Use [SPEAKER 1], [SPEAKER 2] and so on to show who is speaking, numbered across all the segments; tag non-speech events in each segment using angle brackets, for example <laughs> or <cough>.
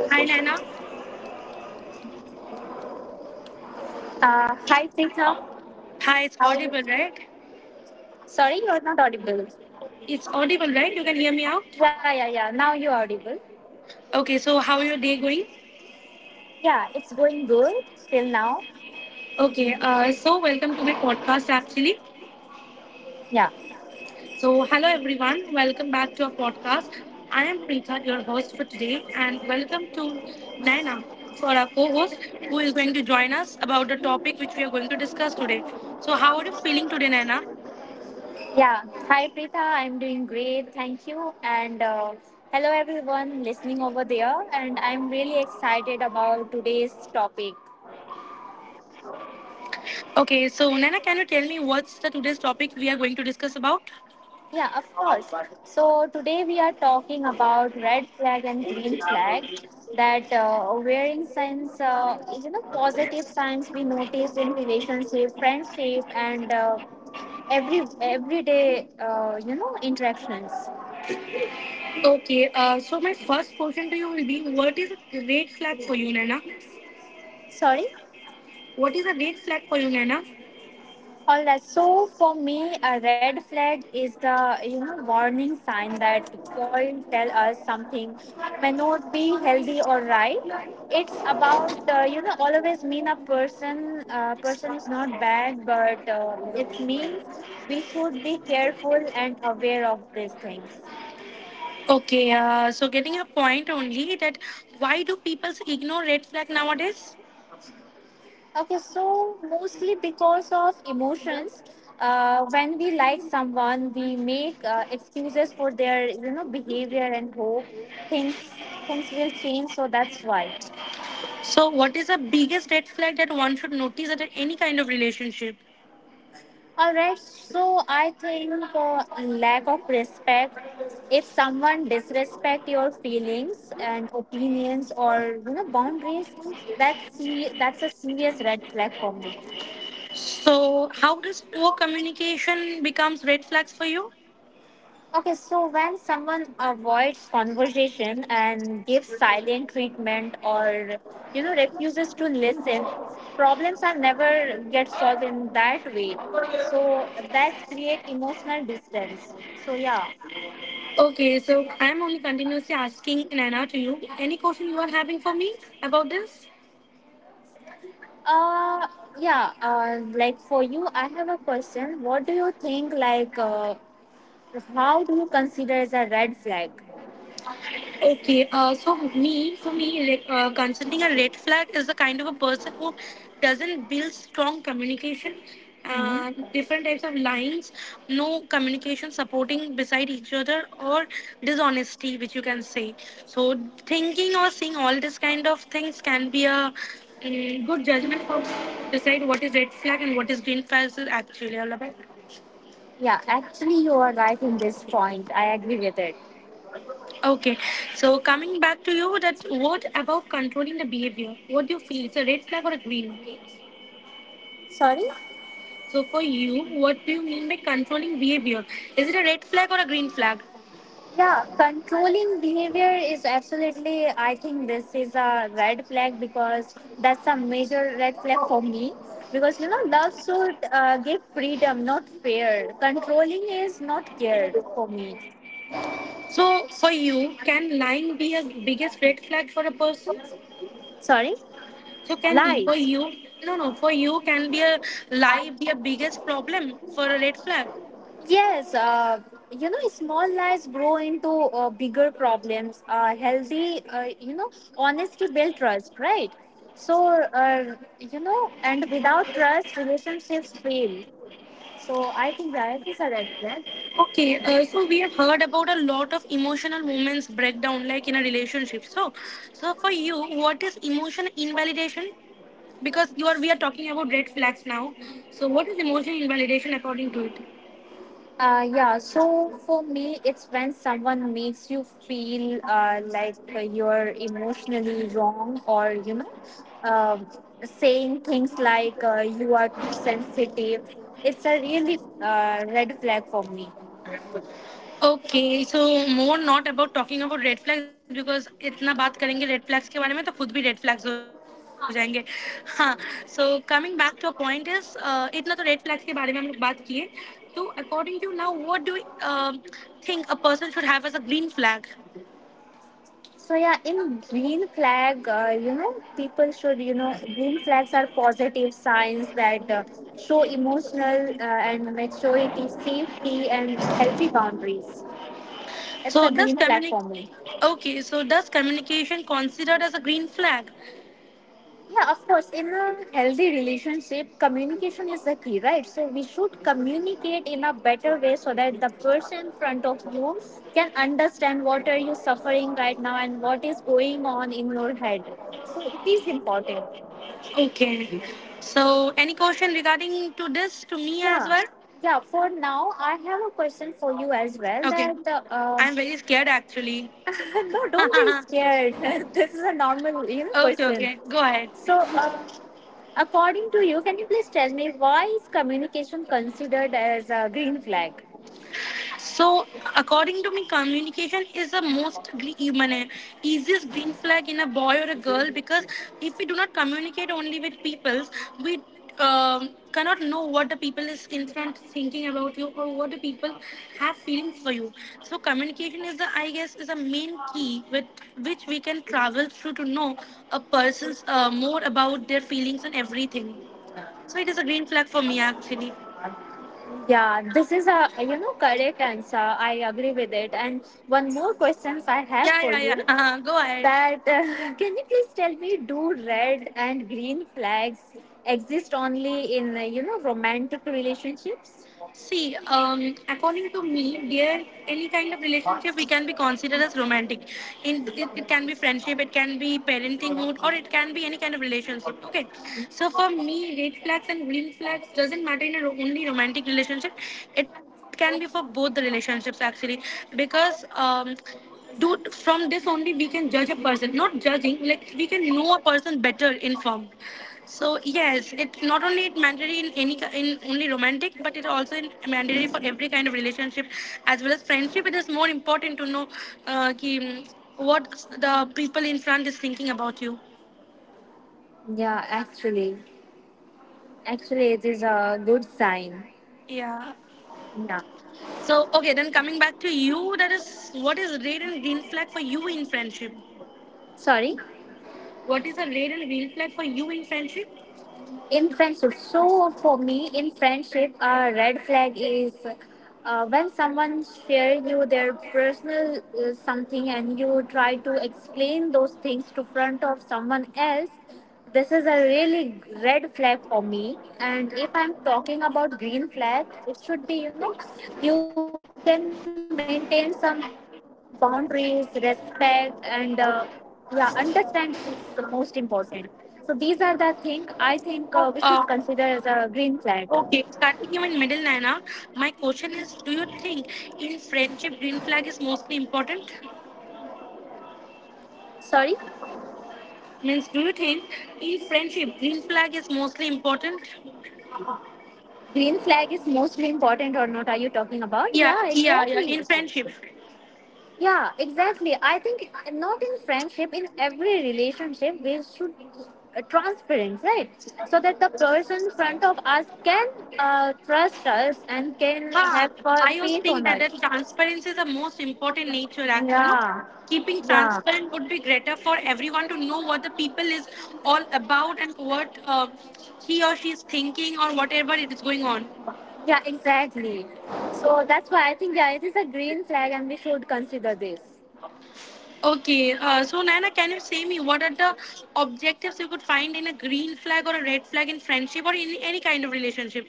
[SPEAKER 1] Uh,
[SPEAKER 2] Hi, Naina.
[SPEAKER 1] Hi, Preeta.
[SPEAKER 2] Hi, it's
[SPEAKER 1] How are
[SPEAKER 2] audible,
[SPEAKER 1] you?
[SPEAKER 2] right?
[SPEAKER 1] Sorry, you're not audible.
[SPEAKER 2] It's audible, right? You can hear me out?
[SPEAKER 1] Yeah, yeah, yeah. Now you're audible.
[SPEAKER 2] Okay, so how your day going?
[SPEAKER 1] Yeah, it's going good till now.
[SPEAKER 2] Okay, so welcome to my podcast, actually.
[SPEAKER 1] Yeah,
[SPEAKER 2] So, hello, everyone. Welcome back to our podcast. I am Preetha, your host for today, and welcome to Naina for our co-host, who is going to join us about the topic which we are going to discuss today. So, how are you feeling today, Naina?
[SPEAKER 1] yeah. Hi, Preeta. I'm doing great. Thank you. And hello, everyone listening over there. And I'm really excited about today's topic.
[SPEAKER 2] Okay, so Naina, can you tell me what's the today's topic we are going to discuss about?
[SPEAKER 1] Yeah, of course. So today we are talking about red flag and green flag. That Wearing signs, positive signs we notice in relationship, friendship, and everyday, interactions.
[SPEAKER 2] Okay, so my first question to you will be: what is a red flag for you, Nana?
[SPEAKER 1] Sorry.
[SPEAKER 2] What is a red flag for you, Nana?
[SPEAKER 1] All that. So for me, a red flag is a warning sign that could tell us something may not be healthy or right. It's about always mean a person person is not bad, but it means we should be careful and aware of these things.
[SPEAKER 2] Okay, so getting your point only, that why do people ignore red flag nowadays?
[SPEAKER 1] Okay, so mostly because of emotions. When we like someone, we make excuses for their, you know, behavior and hope things things will change. So that's why.
[SPEAKER 2] So, what is the biggest red flag that one should notice at any kind of relationship?
[SPEAKER 1] All right. So I think lack of respect. If someone disrespect your feelings and opinions or you know boundaries, that's a serious red flag for me.
[SPEAKER 2] So, how does poor communication becomes red flags for you?
[SPEAKER 1] Okay, so when someone avoids conversation and gives silent treatment or you know refuses to listen, problems are never get solved in that way. So that's create emotional distance. So yeah.
[SPEAKER 2] Okay, so I'm only continuously asking Nana to you. Any question you are having for me about this?
[SPEAKER 1] Uh yeah, like for you I have a question. What do you think how do you consider as a red flag?
[SPEAKER 2] Okay, so me, for me, considering a red flag is the kind of a person who doesn't build strong communication,
[SPEAKER 1] Mhm.
[SPEAKER 2] different types of lines, no communication supporting beside each other, or dishonesty, which you can say. So thinking or seeing all this kind of things can be a good judgment for decide what is red flag and what is green flag is actually all about.
[SPEAKER 1] Yeah, actually you are right in this point. I agree with it.
[SPEAKER 2] Okay, so coming back to you, that what about controlling the behavior? What do you feel? It's a red flag or a green?
[SPEAKER 1] Sorry?
[SPEAKER 2] So for you, what do you mean by controlling behavior? Is it a red flag or a green flag?
[SPEAKER 1] Yeah, controlling behavior is absolutely, I think this is a red flag because that's a major red flag for me. Because you know, love should give freedom, not fear. Controlling is not care for me.
[SPEAKER 2] So for you, can lying be a biggest red flag for a person?
[SPEAKER 1] Sorry,
[SPEAKER 2] So can for
[SPEAKER 1] lies.
[SPEAKER 2] you, no, no, for you, can be a lie be a biggest problem for a red flag?
[SPEAKER 1] Yes, small lies grow into bigger problems. Healthy, honesty build trust, right? So, and without trust, relationships fail. So I think that is are red flag.
[SPEAKER 2] Okay, so we have heard about a lot of emotional moments breakdown, like in a relationship. So, so for you, what is emotion invalidation? Because you are, we are talking about red flags now. So, what is emotion invalidation according to it?
[SPEAKER 1] Yeah. So for me, it's when someone makes you feel like you're emotionally wrong, or um saying things like you are too sensitive. It's a really red flag for me.
[SPEAKER 2] Okay so more not about talking about red flags because इतना बात करेंगे red flags के बारे में तो खुद भी red flags हो जाएंगे. हाँ, so coming back to a point is, इतना तो रेड फ्लैग्स के बारे में हम लोग बात किए. तो according to now what do think a person should have as a green flag?
[SPEAKER 1] So yeah, in green flag, people should you know green flags are positive signs that show emotional and maturity, safety, and healthy boundaries. It's
[SPEAKER 2] so
[SPEAKER 1] a
[SPEAKER 2] does
[SPEAKER 1] green flag for me.
[SPEAKER 2] कम्युनिक okay, so does communication considered as a green flag?
[SPEAKER 1] Yeah, of course. In a healthy relationship, communication is the key, right? So we should communicate in a better way so that the person in front of you can understand what are you suffering right now and what is going on in your head. So it is important.
[SPEAKER 2] Okay, so any question regarding to this to me as
[SPEAKER 1] Yeah.
[SPEAKER 2] Well?
[SPEAKER 1] Yeah, for now, I have a question for you as well
[SPEAKER 2] okay,
[SPEAKER 1] that
[SPEAKER 2] I am very scared actually.
[SPEAKER 1] <laughs> no, don't be
[SPEAKER 2] <laughs>
[SPEAKER 1] scared. <laughs> this is a normal you know,
[SPEAKER 2] Okay,
[SPEAKER 1] question.
[SPEAKER 2] okay, go ahead.
[SPEAKER 1] So, uh, According to you, can you please tell me why is communication considered as a green flag?
[SPEAKER 2] So, according to me, communication is the I mean, easiest green flag in a boy or a girl, because if we do not communicate only with people, we cannot know what the people is in front thinking about you, or what the people have feelings for you. So, communication is the, I guess, is a main key with which we can travel through to know a person's more about their feelings and everything. So it is a green flag for me, actually.
[SPEAKER 1] Yeah, this is a you know correct answer. I agree with it. And one more questions I have
[SPEAKER 2] Yeah,
[SPEAKER 1] for
[SPEAKER 2] yeah, yeah.
[SPEAKER 1] you
[SPEAKER 2] <laughs> Uh-huh. Go ahead.
[SPEAKER 1] that <laughs> can you please tell me do red and green flags exist only in romantic relationships?
[SPEAKER 2] See, according to me, dear, any kind of relationship we can be considered as romantic. In it, it can be friendship, it can be parentinghood, or it can be any kind of relationship. Okay, so for me, red flags and green flags doesn't matter in a only romantic relationship. It can be for both the relationships, actually, because do from this only we can judge a person, not judging, like we can know a person better informed. So yes, it not only it mandatory in in only romantic, but it also in mandatory for every kind of relationship, as well as friendship. It is more important to know, what the people in front is thinking about you.
[SPEAKER 1] Yeah, actually it is a good sign.
[SPEAKER 2] Yeah.
[SPEAKER 1] Yeah.
[SPEAKER 2] So okay, then coming back to you, that is, what is red and green flag for you in friendship?
[SPEAKER 1] Sorry.
[SPEAKER 2] What is a red and green flag for you in friendship?
[SPEAKER 1] In friendship, so for me in friendship a red flag is when someone shares you their personal something and you try to explain those things to front of someone else. This is a really red flag for me. And if I'm talking about green flag, it should be you know you can maintain some boundaries, respect, and yeah understand is the most important. So these are the thing I think we should consider
[SPEAKER 2] Uh,
[SPEAKER 1] as a green flag.
[SPEAKER 2] Okay, starting you in middle, Naina. My question is: do you think in friendship green flag is mostly important?
[SPEAKER 1] Sorry?
[SPEAKER 2] Means, do you think in friendship green flag is mostly important?
[SPEAKER 1] Green flag is mostly important or not, are you talking about?
[SPEAKER 2] Yeah,
[SPEAKER 1] Yeah,
[SPEAKER 2] yeah, yeah.
[SPEAKER 1] exactly.
[SPEAKER 2] In friendship,
[SPEAKER 1] Yeah, exactly, I think not in friendship, in every relationship we should transparent, right? So that the person in front of us can trust us and can
[SPEAKER 2] huh?
[SPEAKER 1] have
[SPEAKER 2] I also
[SPEAKER 1] faith
[SPEAKER 2] think
[SPEAKER 1] on
[SPEAKER 2] that
[SPEAKER 1] us.
[SPEAKER 2] that transparency is the most important nature. Actually, you know,
[SPEAKER 1] Yeah.
[SPEAKER 2] keeping
[SPEAKER 1] Yeah.
[SPEAKER 2] transparent would be greater for everyone to know what the people is all about, and what he or she is thinking, or whatever it is going on.
[SPEAKER 1] Yeah, exactly. So that's why I think yeah, it is a green flag, and we should consider this.
[SPEAKER 2] Okay, so Nana, can you say me what are the objectives you could find in a green flag or a red flag in friendship or in any kind of relationship?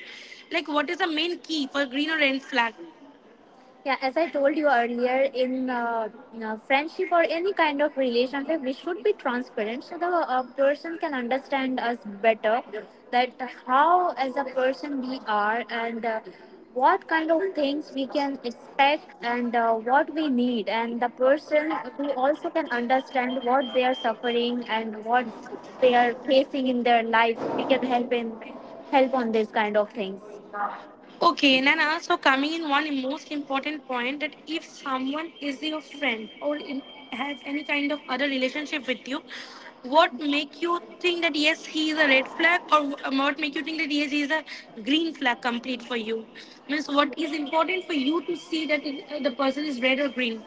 [SPEAKER 2] Like, what is the main key for green or red flag?
[SPEAKER 1] Yeah, as I told you earlier, in friendship or any kind of relationship, we should be transparent so the person can understand us better. That how, as a person, we are and what kind of things we can expect and what we need, and the person who also can understand what they are suffering and what they are facing in their life. We can help in help on these kind of things.
[SPEAKER 2] Okay, and then also coming in one most important point, that if someone is your friend or has any kind of other relationship with you, what make you think that yes, he is a red flag, or what make you think that yes, he is a green flag complete for you? Means what is important for you to see that it, the person is red or green?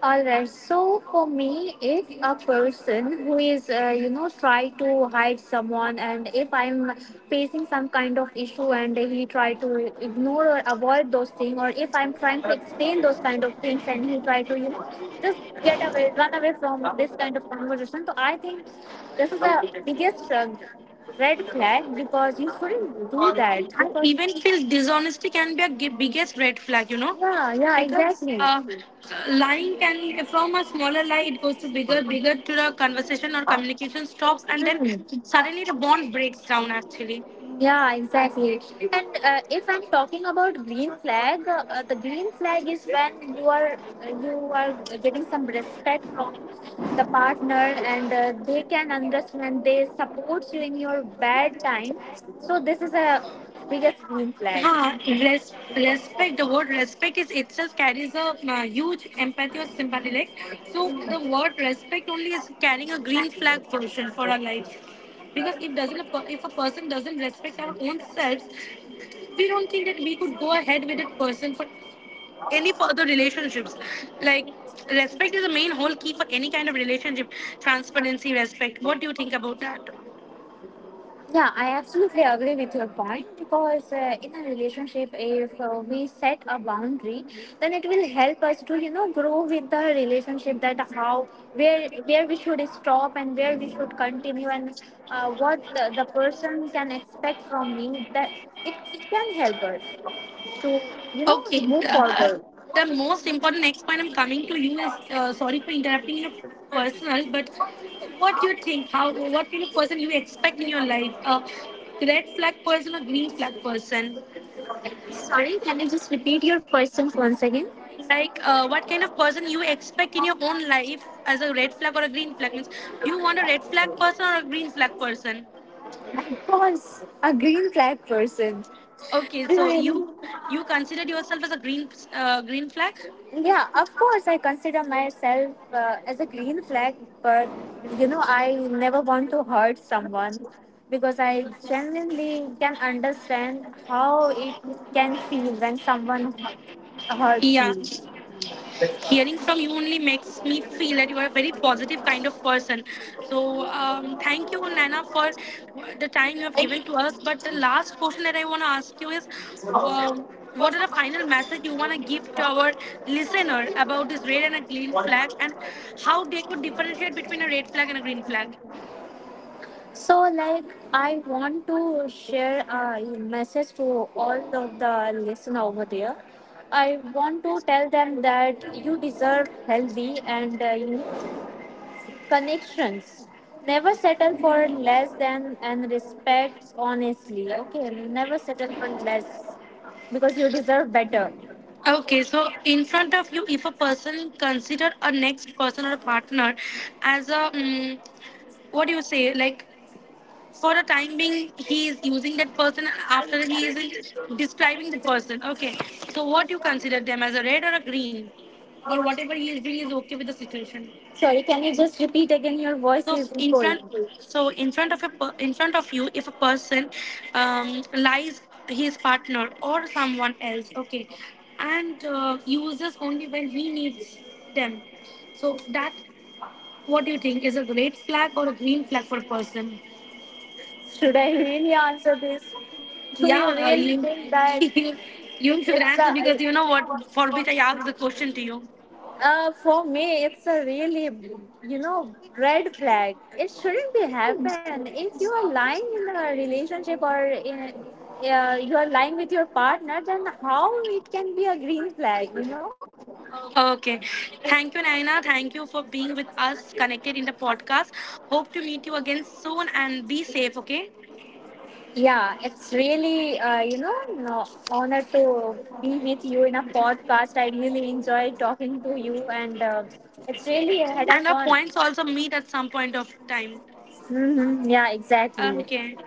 [SPEAKER 1] All right. So for me, if a person who is, try to hide someone, and if I'm facing some kind of issue and he try to ignore or avoid those things, or if I'm trying to explain those kind of things and he try to, you know, just get away, run away from this kind of conversation. So I think this is the biggest red flag because you shouldn't do
[SPEAKER 2] I
[SPEAKER 1] that because
[SPEAKER 2] even feel dishonesty can be a biggest red flag, you know,
[SPEAKER 1] yeah, yeah,
[SPEAKER 2] because
[SPEAKER 1] exactly.
[SPEAKER 2] lying can, from a smaller lie it goes to bigger, bigger, to the conversation or communication stops, and then
[SPEAKER 1] Hmm.
[SPEAKER 2] suddenly the bond breaks down. Actually,
[SPEAKER 1] Yeah, exactly. And if I'm talking about green flag, the green flag is when you are uh, you are getting some respect from the partner, and they can understand, they support you in your bad time. So this is a biggest green flag.
[SPEAKER 2] Respect, the word respect is itself carries a huge empathy or sympathy. Like, so the word respect only is carrying a green flag version for our life. Because if doesn't a per- if a person doesn't respect our own selves, we don't think that we could go ahead with that person for any further relationships. Like, respect is the main whole key for any kind of relationship. Transparency, respect. What do you think about that?
[SPEAKER 1] Yeah, I absolutely agree with your point because in a relationship, if we set a boundary, then it will help us to you know grow with the relationship. That how where we should stop and where we should continue and what the person can expect from me. That it can help us to you know
[SPEAKER 2] Okay,
[SPEAKER 1] move
[SPEAKER 2] uh,
[SPEAKER 1] forward.
[SPEAKER 2] the most important next point I'm coming to you is, sorry for interrupting in a personal, but what do you think? How, what kind of person you expect in your life? A red flag person or green flag person?
[SPEAKER 1] Sorry, can you just repeat your questions once again?
[SPEAKER 2] What kind of person you expect in your own life as a red flag or a green flag? Means, do you want a red flag person or a green flag person?
[SPEAKER 1] I was a green flag person.
[SPEAKER 2] Okay, so
[SPEAKER 1] Really.
[SPEAKER 2] you considered yourself as a green flag?
[SPEAKER 1] Yeah, of course, I consider myself as a green flag, but you know, I never want to hurt someone because I genuinely can understand how it can feel when
[SPEAKER 2] Yeah.
[SPEAKER 1] hurts you.
[SPEAKER 2] Hearing from you only makes me feel that you are a very positive kind of person. So thank you, Lana, for the time you have given to us. But the last question that I want to ask you is, um, what are the final message you want to give to our listener about this red and a green flag, and how they could differentiate between a red flag and a green flag?
[SPEAKER 1] So, like, I want to share a message to all of the listener over there. I want to tell them that you deserve healthy and connections, never settle for less than, and respect honestly. Okay, never settle for less because you deserve better.
[SPEAKER 2] Okay, so in front of you, if a person consider a next person or a partner as a what do you say, like, for the time being he is using that person, after describing the person, okay, so what you consider them as a red or a green, or whatever he is doing is okay with the situation?
[SPEAKER 1] Sorry, can you just repeat again? Your voice
[SPEAKER 2] so
[SPEAKER 1] is
[SPEAKER 2] in
[SPEAKER 1] echoing.
[SPEAKER 2] front so in front of in front of you, if a person um, lies his partner or someone else, okay, and uses only when he needs them, so that what do you think, is a red flag or a green flag for a person?
[SPEAKER 1] Should I really answer this? Do you really
[SPEAKER 2] Yeah,
[SPEAKER 1] think
[SPEAKER 2] you,
[SPEAKER 1] that
[SPEAKER 2] <laughs> you you
[SPEAKER 1] it's
[SPEAKER 2] should
[SPEAKER 1] a?
[SPEAKER 2] answer, because you know what for which I asked the question to you.
[SPEAKER 1] For me, it's a really, you know, red flag. It shouldn't be happen. If you are lying in a relationship or in, you are lying with your partner, then how it can be a green flag, you know?
[SPEAKER 2] Okay. Thank you, Naina. Thank you for being with us connected in the podcast. Hope to meet you again soon and be safe, okay?
[SPEAKER 1] Yeah, it's really, no, honor to be with you in a podcast. I really enjoy talking to you and it's really a head of
[SPEAKER 2] And our
[SPEAKER 1] fun.
[SPEAKER 2] points also meet at some point of time.
[SPEAKER 1] Hmm. Yeah, exactly.
[SPEAKER 2] Okay.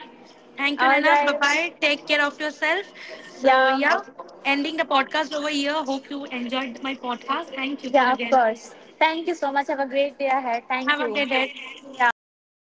[SPEAKER 2] Thank you,
[SPEAKER 1] All
[SPEAKER 2] Naina. Bye
[SPEAKER 1] right.
[SPEAKER 2] bye. Take care of yourself. So
[SPEAKER 1] Yeah.
[SPEAKER 2] yeah, ending the podcast over here. Hope you enjoyed my podcast. Thank you for
[SPEAKER 1] Yeah, of
[SPEAKER 2] again.
[SPEAKER 1] course. Thank you so much. Have a great day ahead. Thank
[SPEAKER 2] Have a
[SPEAKER 1] you.
[SPEAKER 2] good day.
[SPEAKER 1] Yeah, bye.